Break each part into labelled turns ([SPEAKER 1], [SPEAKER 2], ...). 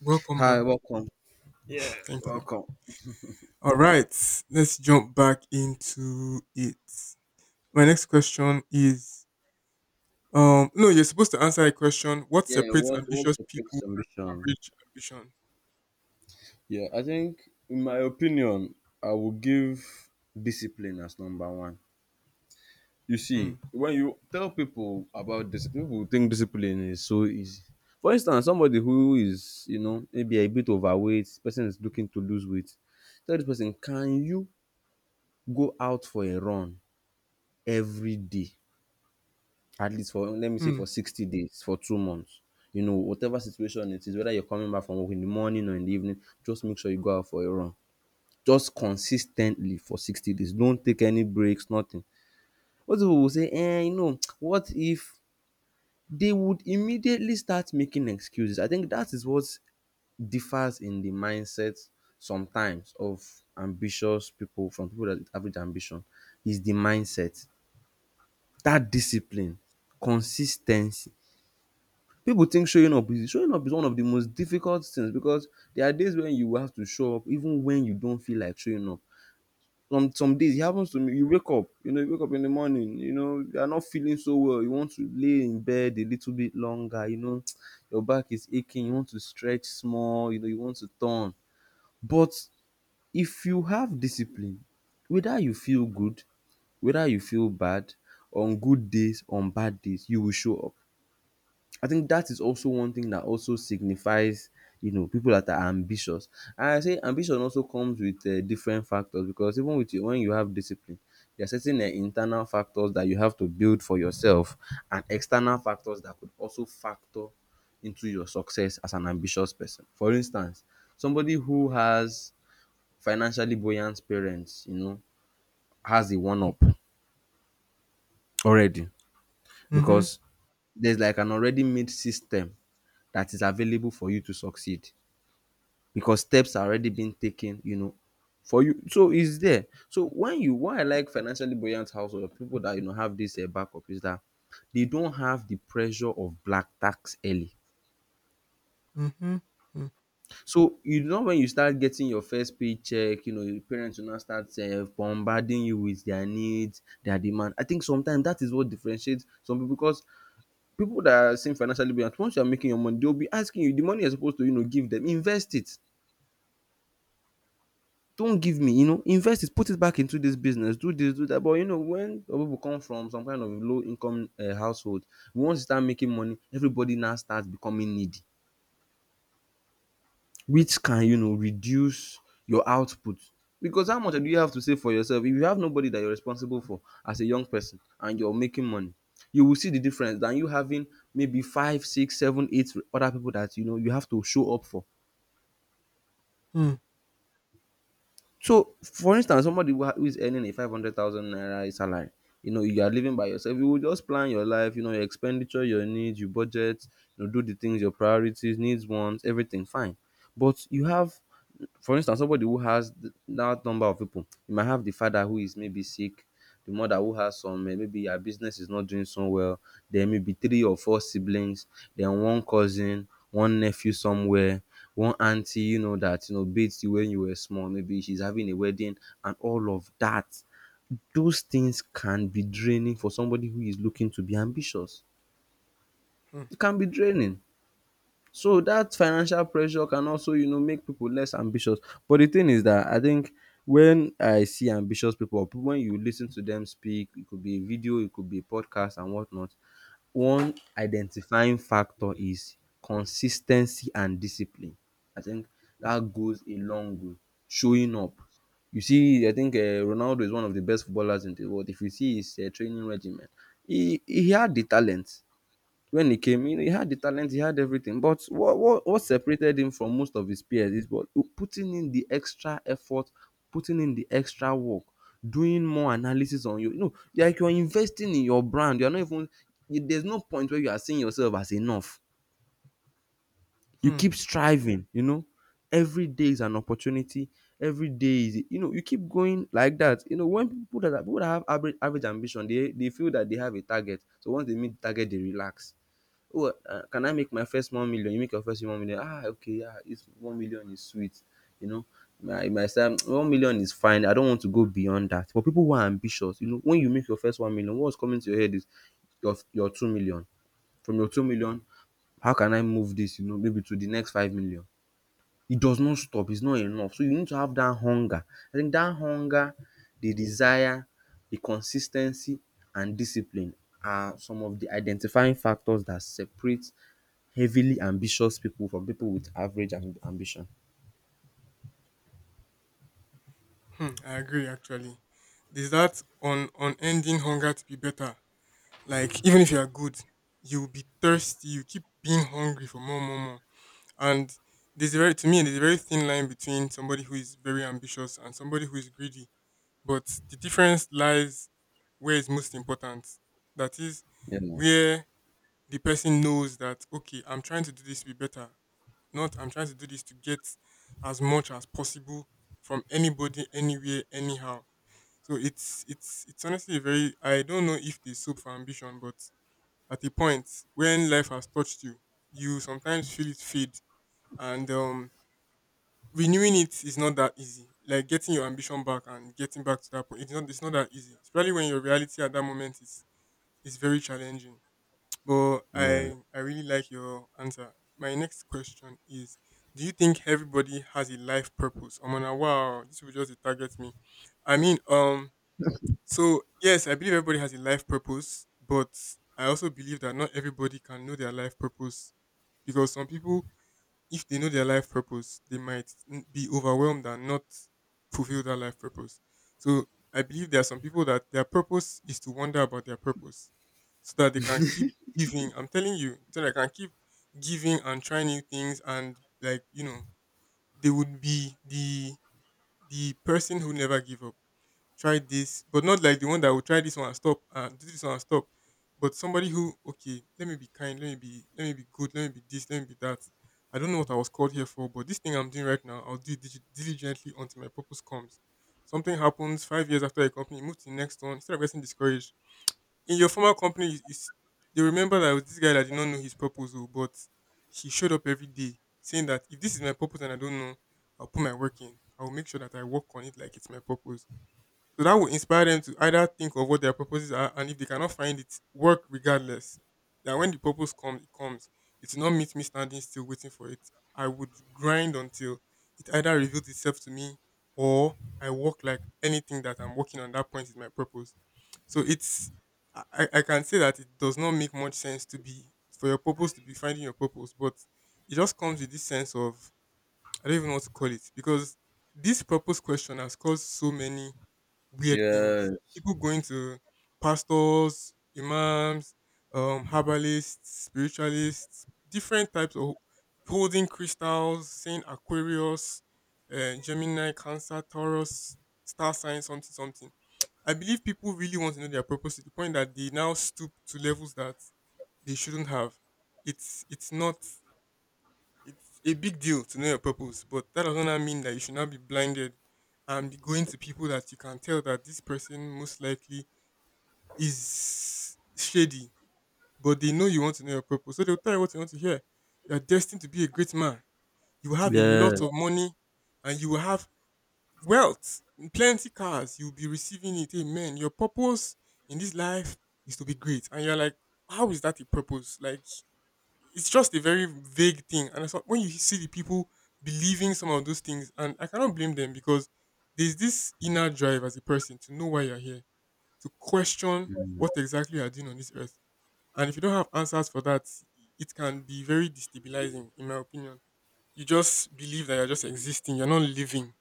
[SPEAKER 1] Welcome
[SPEAKER 2] Hi,
[SPEAKER 1] back.
[SPEAKER 2] welcome.
[SPEAKER 1] Thank you.
[SPEAKER 2] Welcome.
[SPEAKER 1] All right, let's jump back into it. My next question is no, you're supposed to answer a question. What
[SPEAKER 2] Yeah,
[SPEAKER 1] separates
[SPEAKER 2] what's
[SPEAKER 1] ambitious
[SPEAKER 2] your
[SPEAKER 1] people
[SPEAKER 2] greatest
[SPEAKER 1] from
[SPEAKER 2] ambition?
[SPEAKER 1] average ambition?
[SPEAKER 2] Yeah, I think in my opinion, I would give discipline as number one. You see,
[SPEAKER 1] Hmm.
[SPEAKER 2] when you tell people about discipline, people think discipline is so easy. For instance, somebody who is, you know, maybe a bit overweight, person is looking to lose weight. Tell this person, can you go out for a run every day? At least for, let me say,
[SPEAKER 1] Hmm.
[SPEAKER 2] for 60 days, for 2 months. You know, whatever situation it is, whether you're coming back from work in the morning or in the evening, just make sure you go out for a run just consistently for 60 days. Don't take any breaks, nothing. Most people will say, eh? You know, what if— they would immediately start making excuses. I think that is what differs in the mindset sometimes of ambitious people from people that with average ambition, is the mindset, that discipline, consistency. People think showing up— is showing up is one of the most difficult things, because there are days when you will have to show up even when you don't feel like showing up. Some days it happens to me. You wake up, you know, you wake up in the morning, you know, you are not feeling so well. You want to lay in bed a little bit longer, you know, your back is aching, you want to stretch small, you know, you want to turn. But if you have discipline, whether you feel good, whether you feel bad, on good days, on bad days, you will show up. I think that is also one thing that also signifies, you know, people that are ambitious. And I say ambition also comes with different factors, because even with you, when you have discipline, there are certain internal factors that you have to build for yourself, and external factors that could also factor into your success as an ambitious person. For instance, somebody who has financially buoyant parents, you know, has a one up already,
[SPEAKER 1] Mm-hmm.
[SPEAKER 2] because there's like an already made system that is available for you to succeed, because steps are already been taken, you know, for you. So it's there. So when you— why I like financially buoyant household people that, you know, have this backup, is that they don't have the pressure of black tax early.
[SPEAKER 1] Mm-hmm. Hmm.
[SPEAKER 2] So you know, when you start getting your first paycheck, you know your parents will now start bombarding you with their needs, their demand. I think sometimes that is what differentiates some people, because people that are saying financially buoyant, once you are making your money, they'll be asking you the money you're supposed to, you know, give them, invest it. Don't give me, you know, invest it, put it back into this business, do this, do that. But you know, when people come from some kind of low income household, once you start making money, everybody now starts becoming needy, which can, you know, reduce your output. Because how much do you have to save for yourself? If you have nobody that you're responsible for as a young person and you're making money, you will see the difference than you having maybe five, six, seven, eight other people that, you know, you have to show up for.
[SPEAKER 1] Hmm.
[SPEAKER 2] So, for instance, somebody who who is earning a 500,000 naira salary, you know, you are living by yourself, you will just plan your life, you know, your expenditure, your needs, your budget, you know, do the things, your priorities, needs, wants, everything, fine. But you have, for instance, somebody who has that number of people, you might have the father who is maybe sick, the mother who has some maybe her business is not doing so well, then maybe three or four siblings, then one cousin, one nephew somewhere, one auntie, you know, that, you know, beats you when you were small, maybe she's having a wedding, and all of that. Those things can be draining for somebody who is looking to be ambitious.
[SPEAKER 1] Hmm.
[SPEAKER 2] It can be draining. So that financial pressure can also, you know, make people less ambitious. But the thing is that I think when I see ambitious people, or people— when you listen to them speak, it could be a video, it could be a podcast and whatnot. One identifying factor is consistency and discipline. I think that goes a long way. Showing up. You see, I think Ronaldo is one of the best footballers in the world. If you see his training regimen, he had the talent when he came in, he had the talent, he had everything. But what separated him from most of his peers is what— putting in the extra effort, putting in the extra work, doing more analysis on you. You know, like you're investing in your brand. You're not even— there's no point where you are seeing yourself as enough. You
[SPEAKER 1] Hmm.
[SPEAKER 2] keep striving, you know. Every day is an opportunity. Every day is, you know, you keep going like that. You know, when people that are, people that have average average ambition, they feel that they have a target. So once they meet the target, they relax. Oh, can I make my first 1 million? You make your first 1 million. Ah, okay, yeah, it's— 1 million is sweet. You know, my son, 1 million is fine. I don't want to go beyond that. But people who are ambitious, you know, when you make your first 1 million, what's coming to your head is your 2 million. From your 2 million, how can I move this? You know, maybe to the next 5 million. It does not stop. It's not enough. So you need to have that hunger. I think that hunger, the desire, the consistency, and discipline are some of the identifying factors that separate heavily ambitious people from people with average ambition.
[SPEAKER 1] Hmm. I agree actually. There's that on unending hunger to be better. Like even if you are good, you will be thirsty, you keep being hungry for more, more, more. And there's a very to me there's a very thin line between somebody who is very ambitious and somebody who is greedy. But the difference lies where it's most important. That is
[SPEAKER 2] You know.
[SPEAKER 1] where the person knows that okay, I'm trying to do this to be better. Not I'm trying to do this to get as much as possible from anybody, anywhere, anyhow. So it's honestly a very I don't know if they soap for ambition, but at a point when life has touched you, you sometimes feel it fade and renewing it is not that easy. Like getting your ambition back and getting back to that point, it's not that easy. Especially when your reality at that moment is very challenging. But
[SPEAKER 2] Yeah.
[SPEAKER 1] I really like your answer. My next question is: Do you think everybody has a life purpose? I'm gonna wow, this will just dey target me. I mean, so yes, I believe everybody has a life purpose, but I also believe that not everybody can know their life purpose because some people if they know their life purpose, they might be overwhelmed and not fulfill that life purpose. So I believe there are some people that their purpose is to wonder about their purpose so that they can keep giving. I'm telling you, so that they can keep giving and trying new things and like, you know, they would be the person who never give up try this, but not like the one that will try this one and stop and do this one and stop. But somebody who, okay, let me be kind, let me be good, let me be this, let me be that. I don't know what I was called here for, but this thing I'm doing right now, I'll do it diligently until my purpose comes. Something happens 5 years after a company, you move to the next one. Instead of getting discouraged, in your former company, they remember that it was this guy that did not know his purpose, oh, but he showed up every day saying that if this is my purpose and I don't know, I'll put my work in. I'll make sure that I work on it like it's my purpose. So that will inspire them to either think of what their purposes are, and if they cannot find it, work regardless. That when the purpose comes. It will not meet me standing still waiting for it. I would grind until it either reveals itself to me or I work like anything that I'm working on. That point is my purpose. So it's I can say that it does not make much sense to be for your purpose to be finding your purpose, but it just comes with this sense of I don't even know what to call it because this purpose question has caused so many weird things.
[SPEAKER 2] Yeah.
[SPEAKER 1] People going to pastors, imams, herbalists, spiritualists, different types of holding crystals, saying Aquarius, Gemini, Cancer, Taurus, star sign, something, something. I believe people really want to know their purpose to the point that they now stoop to levels that they shouldn't have. It's not. It's a big deal to know your purpose, but that does not mean that you should not be blinded and be going to people that you can tell that this person most likely is shady, but they know you want to know your purpose. So they'll tell you what you want to hear. You're destined to be a great man. You will have a
[SPEAKER 2] Yeah.
[SPEAKER 1] lot of money and you will have wealth, plenty cars. You'll be receiving it. Amen. Your purpose in this life is to be great. And you're like, how is that a purpose? Like, it's just a very vague thing. And I saw when you see the people believing some of those things, and I cannot blame them because there's this inner drive as a person to know why you're here, to question what exactly you are doing on this earth. And if you don't have answers for that, it can be very destabilizing, in my opinion. You just believe that you're just existing, you're not living.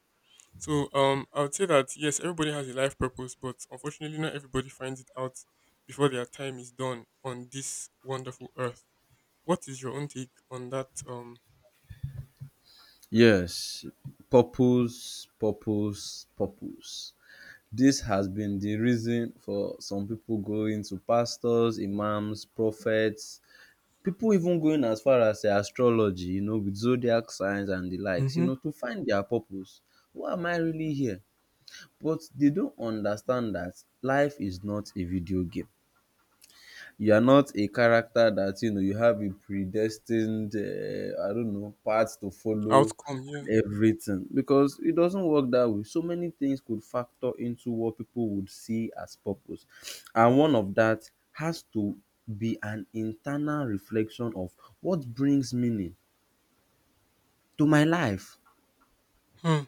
[SPEAKER 1] So I would say that yes, everybody has a life purpose, but unfortunately, not everybody finds it out before their time is done on this wonderful earth. What is your own take on that
[SPEAKER 2] Yes. Purpose, purpose, purpose. This has been the reason for some people going to pastors, imams, prophets, people even going as far as, say, astrology, you know, with zodiac signs and the likes, you
[SPEAKER 1] hmm
[SPEAKER 2] know, to find their purpose. Why am I really here? But they don't understand that life is not a video game. You are not a character that, you know, you have a predestined I don't know, path to follow
[SPEAKER 1] outcome? Yeah.
[SPEAKER 2] and everything, because it doesn't work that way. So many things could factor into what people would see as purpose, and one of that has to be an internal reflection of what brings meaning to my life.
[SPEAKER 1] Hmm.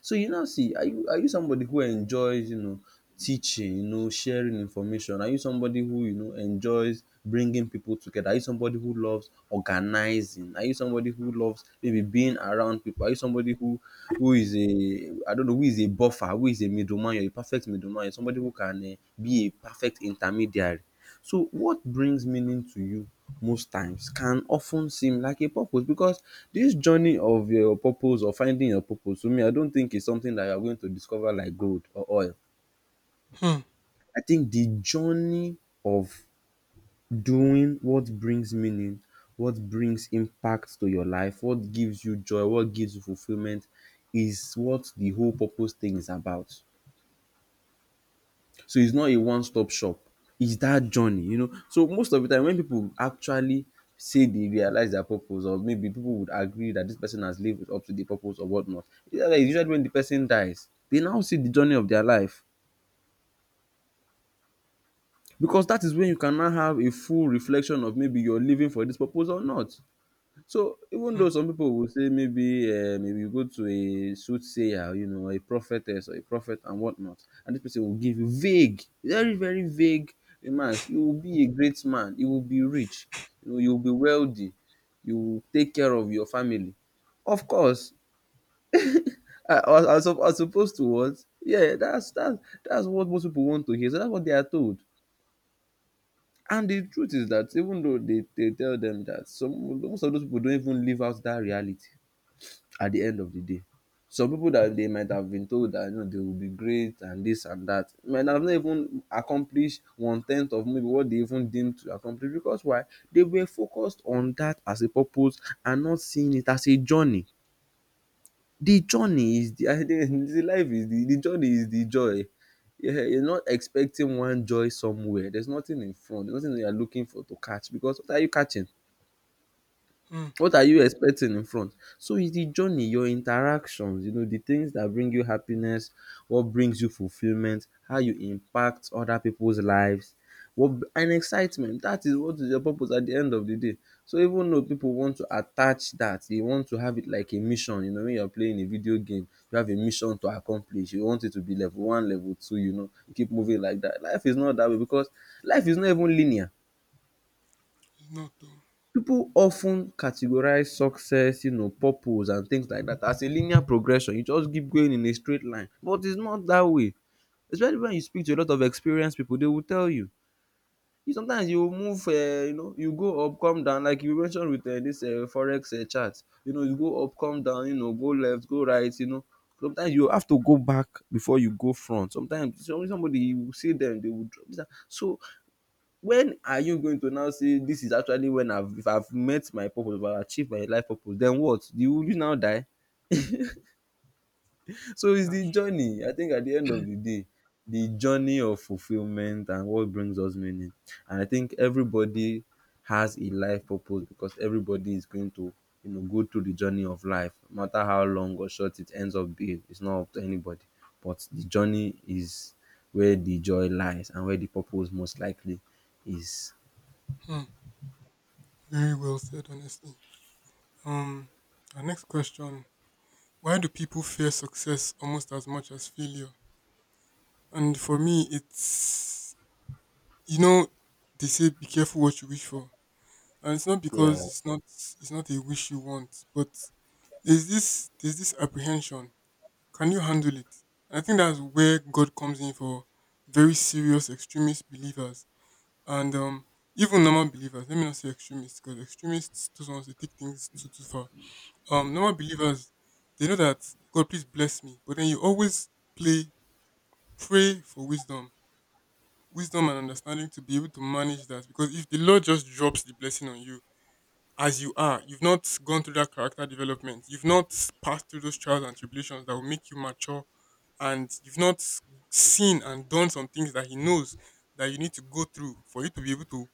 [SPEAKER 2] So you now see, are you— are you somebody who enjoys, you know, teaching, you know, sharing information? Are you somebody who, you know, enjoys bringing people together? Are you somebody who loves organizing? Are you somebody who loves maybe being around people? Are you somebody who— who is a— I don't know, who is a buffer, who is a middleman? You're a perfect middleman. You're somebody who can, be a perfect intermediary. So what brings meaning to you most times can often seem like a purpose, because this journey of your purpose or finding your purpose, to me, I don't think it's something that you are going to discover like gold or oil.
[SPEAKER 1] Hmm.
[SPEAKER 2] I think the journey of doing what brings meaning, what brings impact to your life, what gives you joy, what gives you fulfillment, is what the whole purpose thing is about. So it's not a one stop shop. It's that journey, you know. So most of the time, when people actually say they realize their purpose, or maybe people would agree that this person has lived up to the purpose or whatnot, usually when the person dies, they now see the journey of their life. Because that is when you can now have a full reflection of maybe you're living for this purpose or not. So even
[SPEAKER 1] Hmm.
[SPEAKER 2] though some people will say, maybe if you go to a soothsayer, you know, a prophetess or a prophet and whatnot, and this person will give you vague, very, very vague remarks. You will be a great man, you will be rich, you know, you will be wealthy, you will take care of your family. Of course, as opposed to what? Yeah, that's what most people want to hear. So that's what they are told. And the truth is that even though they tell them that, some— most of those people don't even live out that reality at the end of the day. Some people that they might have been told that, you know, they will be great and this and that, might have not even accomplished one tenth of maybe what they even deemed to accomplish, because why? They were focused on that as a purpose and not seeing it as a journey. The journey is the The journey is the joy. Yeah, you're not expecting one joy somewhere. There's nothing in front. There's nothing that you're looking for to catch, because what are you catching?
[SPEAKER 1] Hmm.
[SPEAKER 2] What are you expecting in front? So it's the journey, your interactions, the things that bring you happiness, what brings you fulfillment, how you impact other people's lives, what and excitement. That is what is your purpose at the end of the day. So even though people want to attach that, they want to have it like a mission. You know, when you're playing a video game, you have a mission to accomplish. You want it to be level one, level two, you keep moving like that. Life is not that way, because life is not even linear.
[SPEAKER 1] It's not though.
[SPEAKER 2] People often categorize success, purpose and things like that, as a linear progression. You just keep going in a straight line, but it's not that way, especially when you speak to a lot of experienced people. They will tell you, sometimes you move, you go up, come down, like you mentioned with this forex chart. You know, you go up, come down, go left, go right, sometimes you have to go back before you go front. Sometimes somebody, you will see them, they will drop. So when are you going to now say this is actually when I've if I've met my purpose, if I've achieved my life purpose? Then what? You will, you now die? So it's the
[SPEAKER 1] That's
[SPEAKER 2] journey, I think, at the end of the day. The journey of fulfillment and what brings us meaning. And I think everybody has a life purpose, because everybody is going to, go through the journey of life, no matter how long or short it ends up being. It's not up to anybody. But the journey is where the joy lies and where the purpose most likely is.
[SPEAKER 1] hmm. Very well said, honestly. Um, our next question: Why do people fear success almost as much as failure? And for me, it's you know they say be careful what you wish for, and it's not
[SPEAKER 2] Yeah,
[SPEAKER 1] because it's not a wish you want, but there's this apprehension. Can you handle it? I think that's where God comes in for very serious extremist believers and even normal believers. Let me not say extremists because extremists those ones they take things too far. Normal believers they know that God please bless me, but then you always play pray for wisdom, wisdom and understanding to be able to manage that. Because if the Lord just drops the blessing on you as you are, you've not gone through that character development, you've not passed through those trials and tribulations that will make you mature and you've not seen and done some things that he knows that you need to go through for you to be able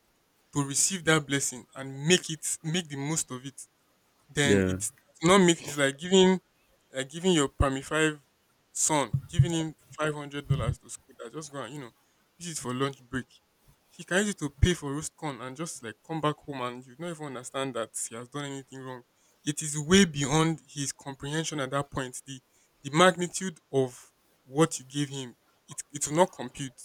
[SPEAKER 1] to receive that blessing and make it make the most of it then
[SPEAKER 2] yeah,
[SPEAKER 1] it's not make it's like giving your primary five son giving him $500 to school that just go and you know use it for lunch break. He can use it to pay for roast corn and just like come back home and you don't even understand that he has done anything wrong. It is way beyond his comprehension at that point. The magnitude of what you gave him, it will not compute.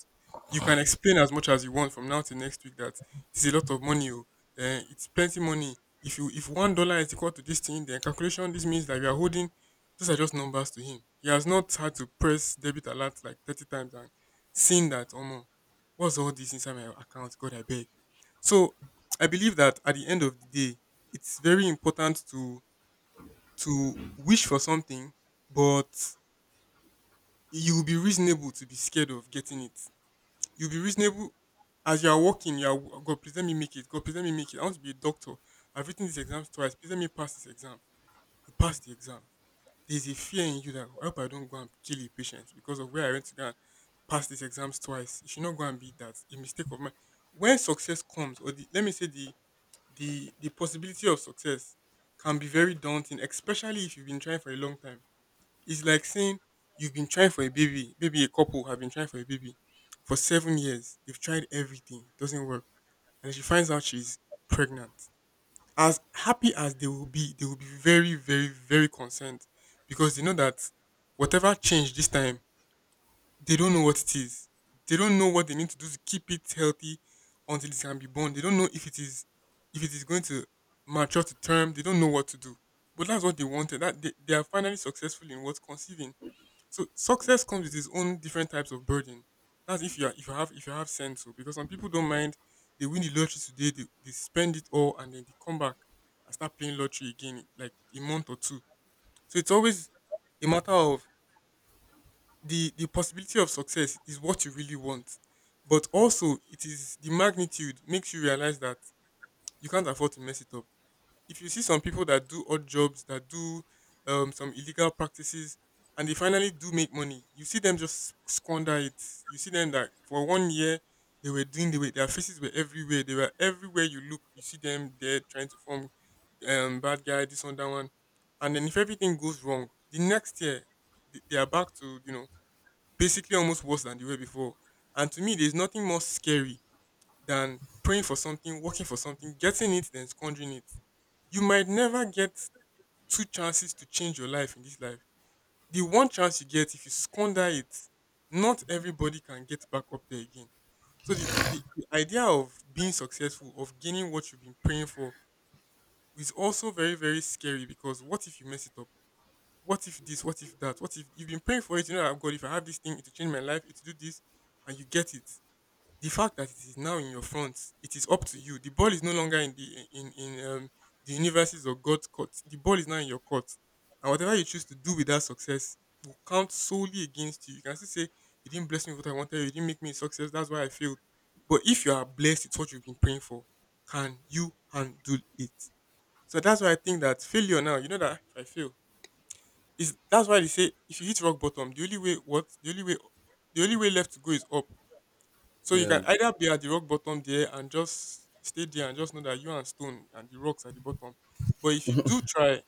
[SPEAKER 1] You can explain as much as you want from now to next week that it's a lot of money. Oh, eh, it's plenty money if you if $1 is equal to this thing, then calculation this means that you are holding these are just numbers to him. He has not had to press debit alert like 30 times and seen that oh no, what's all this inside my account? God I beg. So I believe that at the end of the day, it's very important to wish for something, but you'll be reasonable to be scared of getting it. You'll be reasonable as you are walking, you are God please let me make it. God please let me make it. I want to be a doctor. I've written these exams twice. Please let me pass this exam you pass the exam. There's a fear in you that I hope I don't go and kill a patient because of where I went to go and pass these exams twice. You should not go and be that a mistake of mine. When success comes, or the, let me say the possibility of success can be very daunting, especially if you've been trying for a long time. It's like saying you've been trying for a baby. Maybe a couple have been trying for a baby for 7 years. They've tried everything, doesn't work, and she finds out she's pregnant as happy as they will be very, very, very concerned because they know that whatever change this time, they don't know what it is. They don't know what they need to do to keep it healthy until it can be born. They don't know if it is going to mature to term. They don't know what to do. But that's what they wanted. That they are finally successful in what conceiving. So success comes with its own different types of burden. That's if you are, if you have sense, so because some people don't mind they win the lottery today, they spend it all, and then they come back and start playing lottery again in like a month or two. So it's always a matter of the possibility of success is what you really want, but also it is the magnitude makes you realize that you can't afford to mess it up. If you see some people that do odd jobs, that do some illegal practices, and they finally do make money, you see them just squander it. You see them that for 1 year they were doing the way their faces were everywhere. They were everywhere you look. You see them there trying to form bad guy, this one, that one, and then if everything goes wrong, the next year they are back to basically almost worse than they were before. And to me, there's nothing more scary than praying for something, working for something, getting it, then squandering it. You might never get two chances to change your life in this life. The one chance you get, if you squander it, not everybody can get back up there again. So the idea of being successful, of gaining what you've been praying for, is also very, very scary because what if you mess it up? What if this? What if that? What if you've been praying for it? You know, that, "Oh God, if I have this thing, it will change my life, it will do this, and you get it, the fact that it is now in your front, it is up to you. The ball is no longer in the universes or God's court. The ball is now in your court, and whatever you choose to do with that success will count solely against you. You can still say you didn't bless me with what I wanted. You didn't make me a success. That's why I failed. But if you are blessed, it's what you've been praying for. Can you handle it? So that's why I think that failure now. You know that if I fail, is that's why they say if you hit rock bottom, the only way, the only way left to go is up. So you
[SPEAKER 2] yeah.
[SPEAKER 1] can either be at the rock bottom there and just stay there and just know that you and stone and the rocks at the bottom. But if you do try,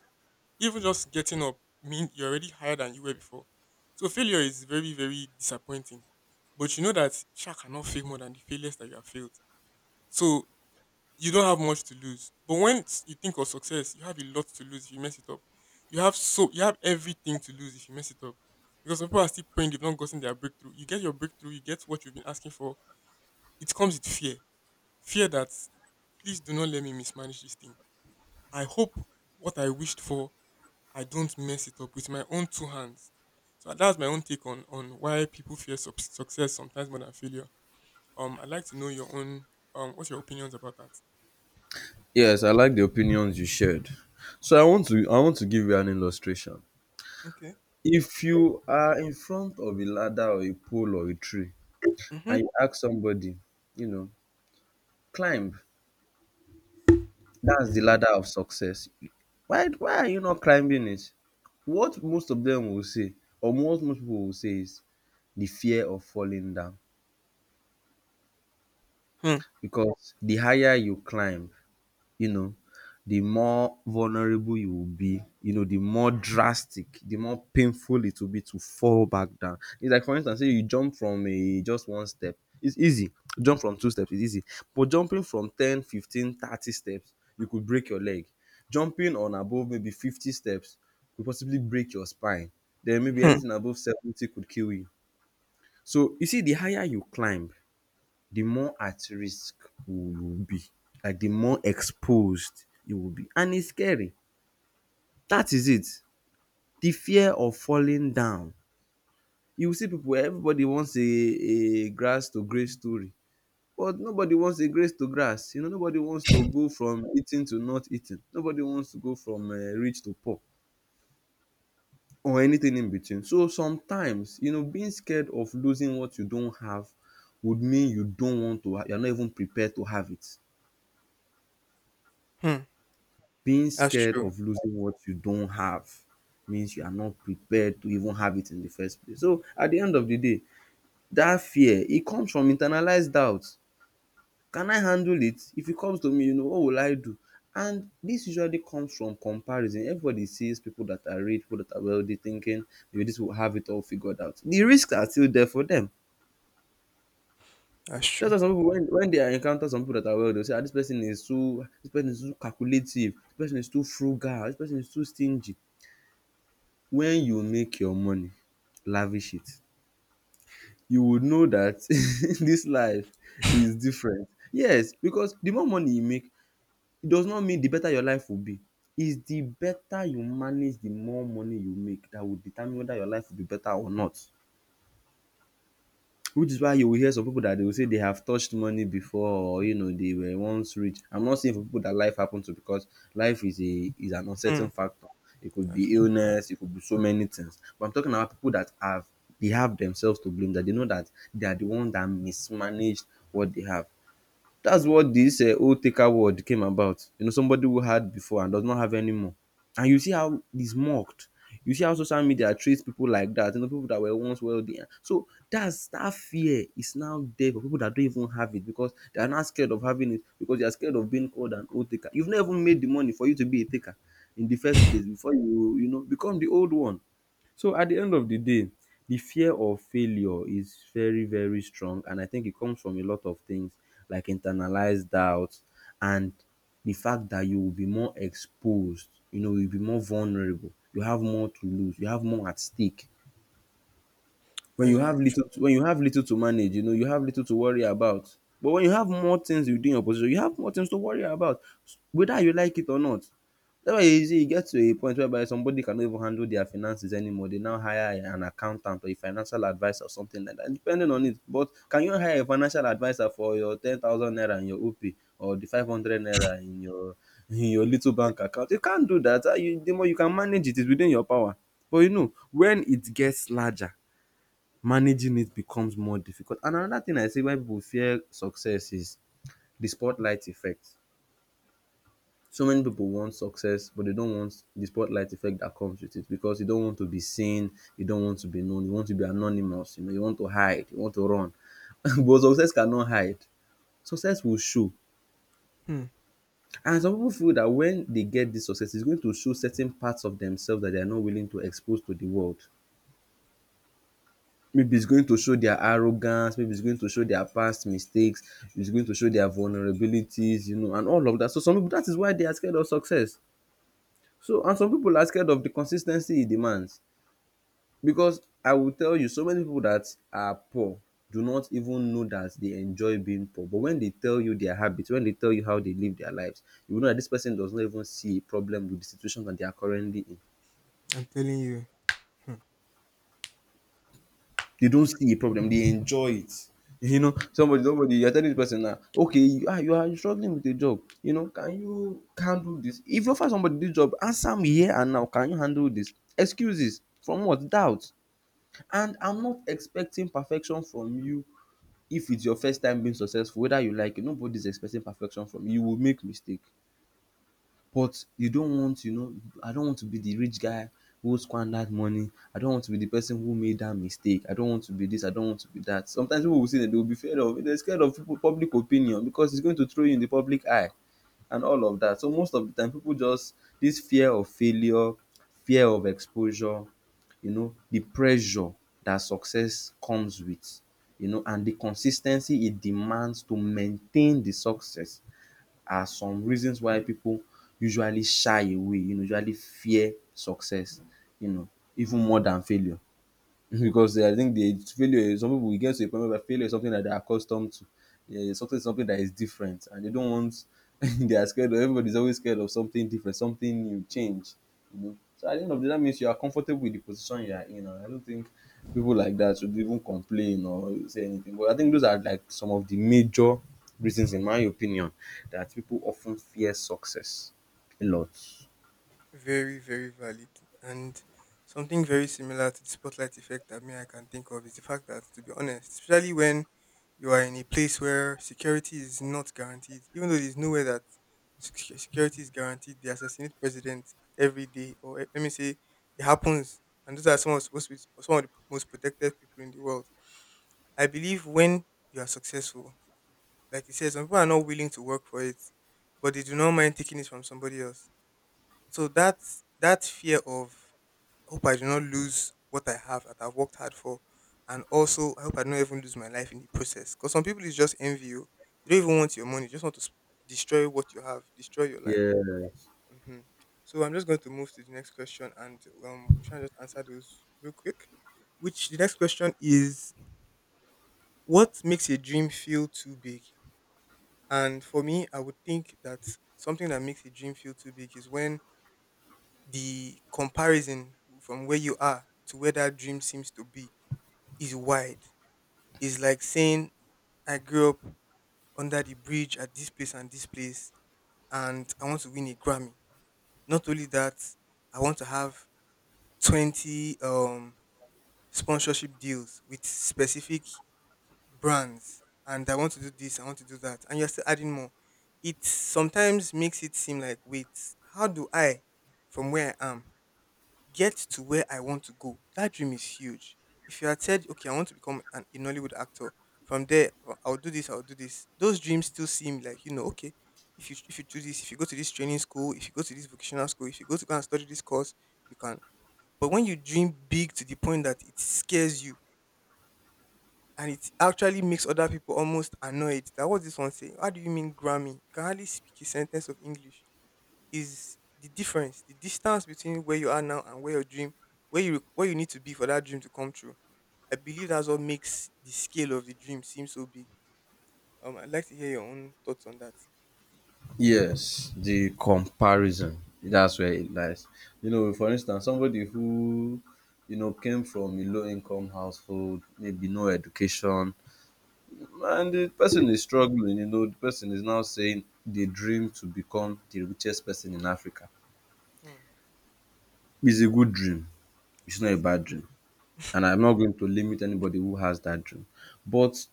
[SPEAKER 1] even just getting up mean you're already higher than you were before. So failure is very, very disappointing. But you know that shark cannot fail more than the failures that you have failed. So you don't have much to lose. But when you think of success, you have a lot to lose if you mess it up. You have so you have everything to lose if you mess it up. Because some people are still praying they've not gotten their breakthrough. You get your breakthrough, you get what you've been asking for. It comes with fear. Fear that please do not let me mismanage this thing. I hope what I wished for, I don't mess it up with my own two hands. So that's my own take on why people fear success sometimes more than failure. I'd like to know your own what's your opinions about that?
[SPEAKER 2] Yes, I like the opinions you shared. So I want to give you an illustration.
[SPEAKER 1] Okay.
[SPEAKER 2] If you are in front of a ladder or a pole or a tree
[SPEAKER 1] Mm-hmm.
[SPEAKER 2] and you ask somebody, you know, climb, that's the ladder of success. Why are you not climbing it? What most of them will say, or what most people will say, is the fear of falling down.
[SPEAKER 1] Hmm.
[SPEAKER 2] Because the higher you climb, you know, the more vulnerable you will be, the more drastic, the more painful it will be to fall back down. It's like, for instance, say you jump from a just one step, it's easy. Jump from two steps is easy. But jumping from 10, 15, 30 steps, you could break your leg. Jumping on above maybe 50 steps could possibly break your spine. Then maybe
[SPEAKER 1] Hmm.
[SPEAKER 2] anything above 70 could kill you. So you see, the higher you climb, the more at risk we will be, like the more exposed you will be. And it's scary. That is it. The fear of falling down. You see, people, everybody wants a grass to grace story. But nobody wants a grace to grass. Nobody wants to go from eating to not eating. Nobody wants to go from rich to poor, or anything in between. So sometimes, being scared of losing what you don't have would mean you don't want to, you're not even prepared to have it.
[SPEAKER 1] Hmm.
[SPEAKER 2] Being
[SPEAKER 1] That's
[SPEAKER 2] scared
[SPEAKER 1] true.
[SPEAKER 2] of losing what you don't have means you are not prepared to even have it in the first place. So at the end of the day, that fear, it comes from internalized doubts. Can I handle it? If it comes to me, what will I do? And this usually comes from comparison. Everybody sees people that are rich, people that are wealthy, thinking maybe this will have it all figured out. The risks are still there for them.
[SPEAKER 1] That's
[SPEAKER 2] That's
[SPEAKER 1] true.
[SPEAKER 2] why some people, when they encounter some people that are wealthy, they'll say, ah, this person is too, this person is too calculative, this person is too frugal, this person is too stingy. When you make your money, lavish it. You would know that this life is different. Yes, because the more money you make, it does not mean the better your life will be. It's the better you manage the more money you make that will determine whether your life will be better or not. Which is why you will hear some people that they will say they have touched money before, or they were once rich. I'm not saying for people that life happened to, because life is an uncertain
[SPEAKER 1] Hmm.
[SPEAKER 2] factor. It could
[SPEAKER 1] That's
[SPEAKER 2] be
[SPEAKER 1] true.
[SPEAKER 2] illness, it could be so many things. But I'm talking about people that have themselves to blame, that they know that they are the ones that mismanaged what they have. That's what this old taker word came about. Somebody who had before and does not have anymore. And you see how it's mocked. You see how social media treats people like that, people that were once wealthy. So that's, that fear is now there for people that don't even have it, because they are not scared of having it, because they are scared of being called an old taker. You've never even made the money for you to be a taker in the first place before you, become the old one. So at the end of the day, the fear of failure is very, very strong. And I think it comes from a lot of things, like internalized doubts, and the fact that you will be more exposed, you'll be more vulnerable, you have more to lose, you have more at stake. When
[SPEAKER 1] That's
[SPEAKER 2] you
[SPEAKER 1] very
[SPEAKER 2] have little to, when you have little to manage, you have little to worry about. But when you have more things you do in your position, you have more things to worry about, whether you like it or not. That's why you see e get to a point whereby somebody cannot even handle their finances anymore. They now hire an accountant or a financial adviser or something like that, depending on it. But can you hire a financial adviser for your 10,000 naira in your opay, or the 500 naira in your little bank account? You can't do that. How? You, the more you can manage it is within your power, but when it gets larger, managing it becomes more difficult. And another thing I see why people fear success is the spotlight effect. So many people want success, but they don't want the spotlight effect that comes with it, because you don't want to be seen, you don't want to be known, you want to be anonymous, you want to hide, you want to run. but success cannot hide. Success will show.
[SPEAKER 1] true. Hmm.
[SPEAKER 2] And some people feel that when they get this success, it's going to show certain parts of themselves that they are not willing to expose to the world. Maybe it's going to show their arrogance, maybe it's going to show their past mistakes, it's going to show their vulnerabilities, and all of that. So some people, that is why they are scared of success. So, and some people are scared of the consistency it demands, because I will tell you, so many people that are poor do not even know that they enjoy being poor. But when they tell you their habits, when they tell you how they live their lives, you will know that this person does not even see a problem with the situation that they are currently in.
[SPEAKER 1] I'm telling you.
[SPEAKER 2] They don't see a problem. They enjoy it. Somebody, you're telling the person now, okay, you are struggling with a job. Can you handle this? If you offer somebody this job, answer me here and now. Can you handle this? Excuses from what? Doubt. And I'm not expecting perfection from you if it's your first time being successful, whether you like it. Nobody's expecting perfection from you. You will make mistake, but you don't want. I don't want to be the rich guy who squandered money. I don't want to be the person who made that mistake. I don't want to be this. I don't want to be that. Sometimes people will say that they will be afraid of they're scared of people, public opinion, because it's going to throw you in the public eye and all of that. So most of the time people just, this fear of failure, fear of exposure, the pressure that success comes with, and the consistency it demands to maintain the success are some reasons why people usually shy away, usually fear success, you know, even more than failure. Because I think the failure, some people, we get to a point where failure is something that they're accustomed to. Yeah, it's something that is different, and they don't want. They are scared. Of, everybody's always scared of something different, something new, change. So at the end of the day, that means you are comfortable with the position you are in. And I don't think people like that should even complain or say anything. But I think those are like some of the major reasons, in my opinion, that people often fear success a lot.
[SPEAKER 1] Very, very valid. And something very similar to the spotlight effect that me I can think of is the fact that, to be honest, especially when you are in a place where security is not guaranteed, even though there's nowhere that security is guaranteed, they assassinate president every day, or eh, let me say it happens. And those are some of, supposed to be some of the most protected people in the world. I believe when you are successful, like you said, some people are not willing to work for it, but they do not mind taking it from somebody else, so that that fear of I hope I do not lose what I have that I've worked hard for, and also I hope I don't even lose my life in the process. Because some people is just envy you. They don't even want your money. They just want to destroy what you have, destroy your life.
[SPEAKER 2] Yeah.
[SPEAKER 1] Hmm. So I'm just going to move to the next question, and we'll try and just answer those real quick. Which the next question is, what makes a dream feel too big? And for me, I would think that something that makes a dream feel too big is when the comparison from where you are to where that dream seems to be is wide. It's like saying, I grew up under the bridge at this place, and I want to win a Grammy. Not only that, I want to have 20 sponsorship deals with specific brands, and I want to do this, I want to do that. And you're still adding more. It sometimes makes it seem like, wait, how do I, from where I am, get to where I want to go. That dream is huge. If you had said, okay, I want to become a Nollywood actor, from there, "Oh, I'll do this, those dreams still seem like, you know, okay, if you do this, if you go to this training school, if you go to this vocational school, if you go to go and study this course, you can. But when you dream big to the point that it scares you and it actually makes other people almost annoyed that what's this one saying? How do you mean Grammy? You can hardly speak a sentence of English is the difference, the distance between where you are now and where your dream, where you need to be for that dream to come true. I believe that's what makes the scale of the dream seem so big. I'd like to hear your own thoughts on that.
[SPEAKER 2] Yes, the comparison. That's where it lies. For instance, somebody who, came from a low income household, maybe no education, and the person is struggling, the person is now saying they dream to become the richest person in Africa.
[SPEAKER 1] Hmm,
[SPEAKER 2] It's a good dream, it's
[SPEAKER 1] it
[SPEAKER 2] not a
[SPEAKER 1] is.
[SPEAKER 2] bad dream. And I'm not going to limit anybody who has that dream. But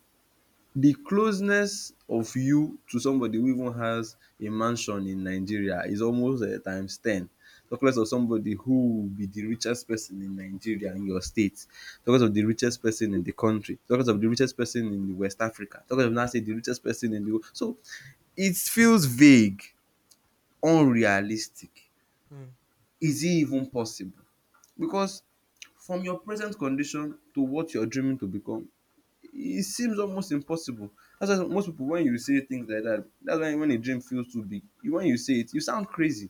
[SPEAKER 2] the closeness of you to somebody who even has a mansion in Nigeria is almost times 10. Talk less of somebody who will be the richest person in Nigeria, in your state. Talk less of the richest person in the country. Talk less of the richest person in the West Africa. Talk less of, now say, the richest person in the world. So it feels vague, unrealistic.
[SPEAKER 1] Hmm,
[SPEAKER 2] Is it even possible? Because from your present condition to what you're dreaming to become, it seems almost impossible. That's why most people, when you say things like that, that's why when a dream feels too big, when you say it, you sound crazy.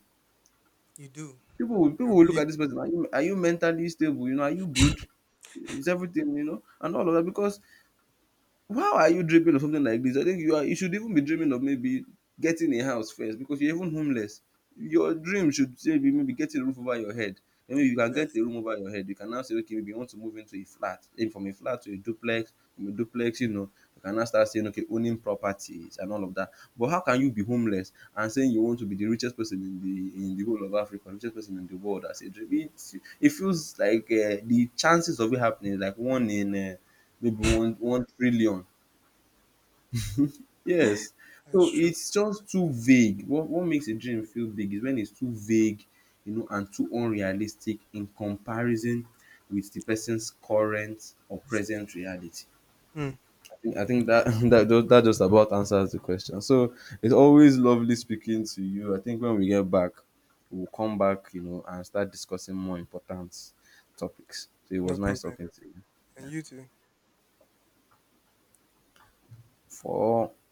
[SPEAKER 1] you do.
[SPEAKER 2] People will, people
[SPEAKER 1] You
[SPEAKER 2] will look
[SPEAKER 1] really
[SPEAKER 2] at
[SPEAKER 1] do.
[SPEAKER 2] this person. Are you mentally stable? Are you good? Is everything, and all of that, because why are you dreaming of something like this? I think you should even be dreaming of maybe getting a house first, because you're even homeless. Your dream should say be maybe getting a roof over your head.
[SPEAKER 1] You
[SPEAKER 2] And maybe
[SPEAKER 1] should
[SPEAKER 2] you
[SPEAKER 1] be
[SPEAKER 2] can get a
[SPEAKER 1] realistic.
[SPEAKER 2] room over your head. You can now say, okay, maybe you want to move into a flat, maybe from a flat to a duplex, from a duplex, you can now start saying, okay, owning properties and all of that. But how can you be homeless and saying you want to be the richest person in the whole of Africa, richest person in the world? As a dream, it feels like the chances of it happening is like one in maybe one trillion. Yes.
[SPEAKER 1] That's
[SPEAKER 2] So
[SPEAKER 1] true.
[SPEAKER 2] it's just too vague. What makes a dream feel big is when it's too vague, and too unrealistic in comparison with the person's current or
[SPEAKER 1] Sit-
[SPEAKER 2] present reality.
[SPEAKER 1] Hmm,
[SPEAKER 2] I think that, that just about answers the question. So it's always lovely speaking to you. I think when we get back, we'll come back, and start discussing more important topics. So it
[SPEAKER 1] no
[SPEAKER 2] was nice
[SPEAKER 1] problem.
[SPEAKER 2] talking to you.
[SPEAKER 1] And
[SPEAKER 2] Yeah.
[SPEAKER 1] you too.
[SPEAKER 2] For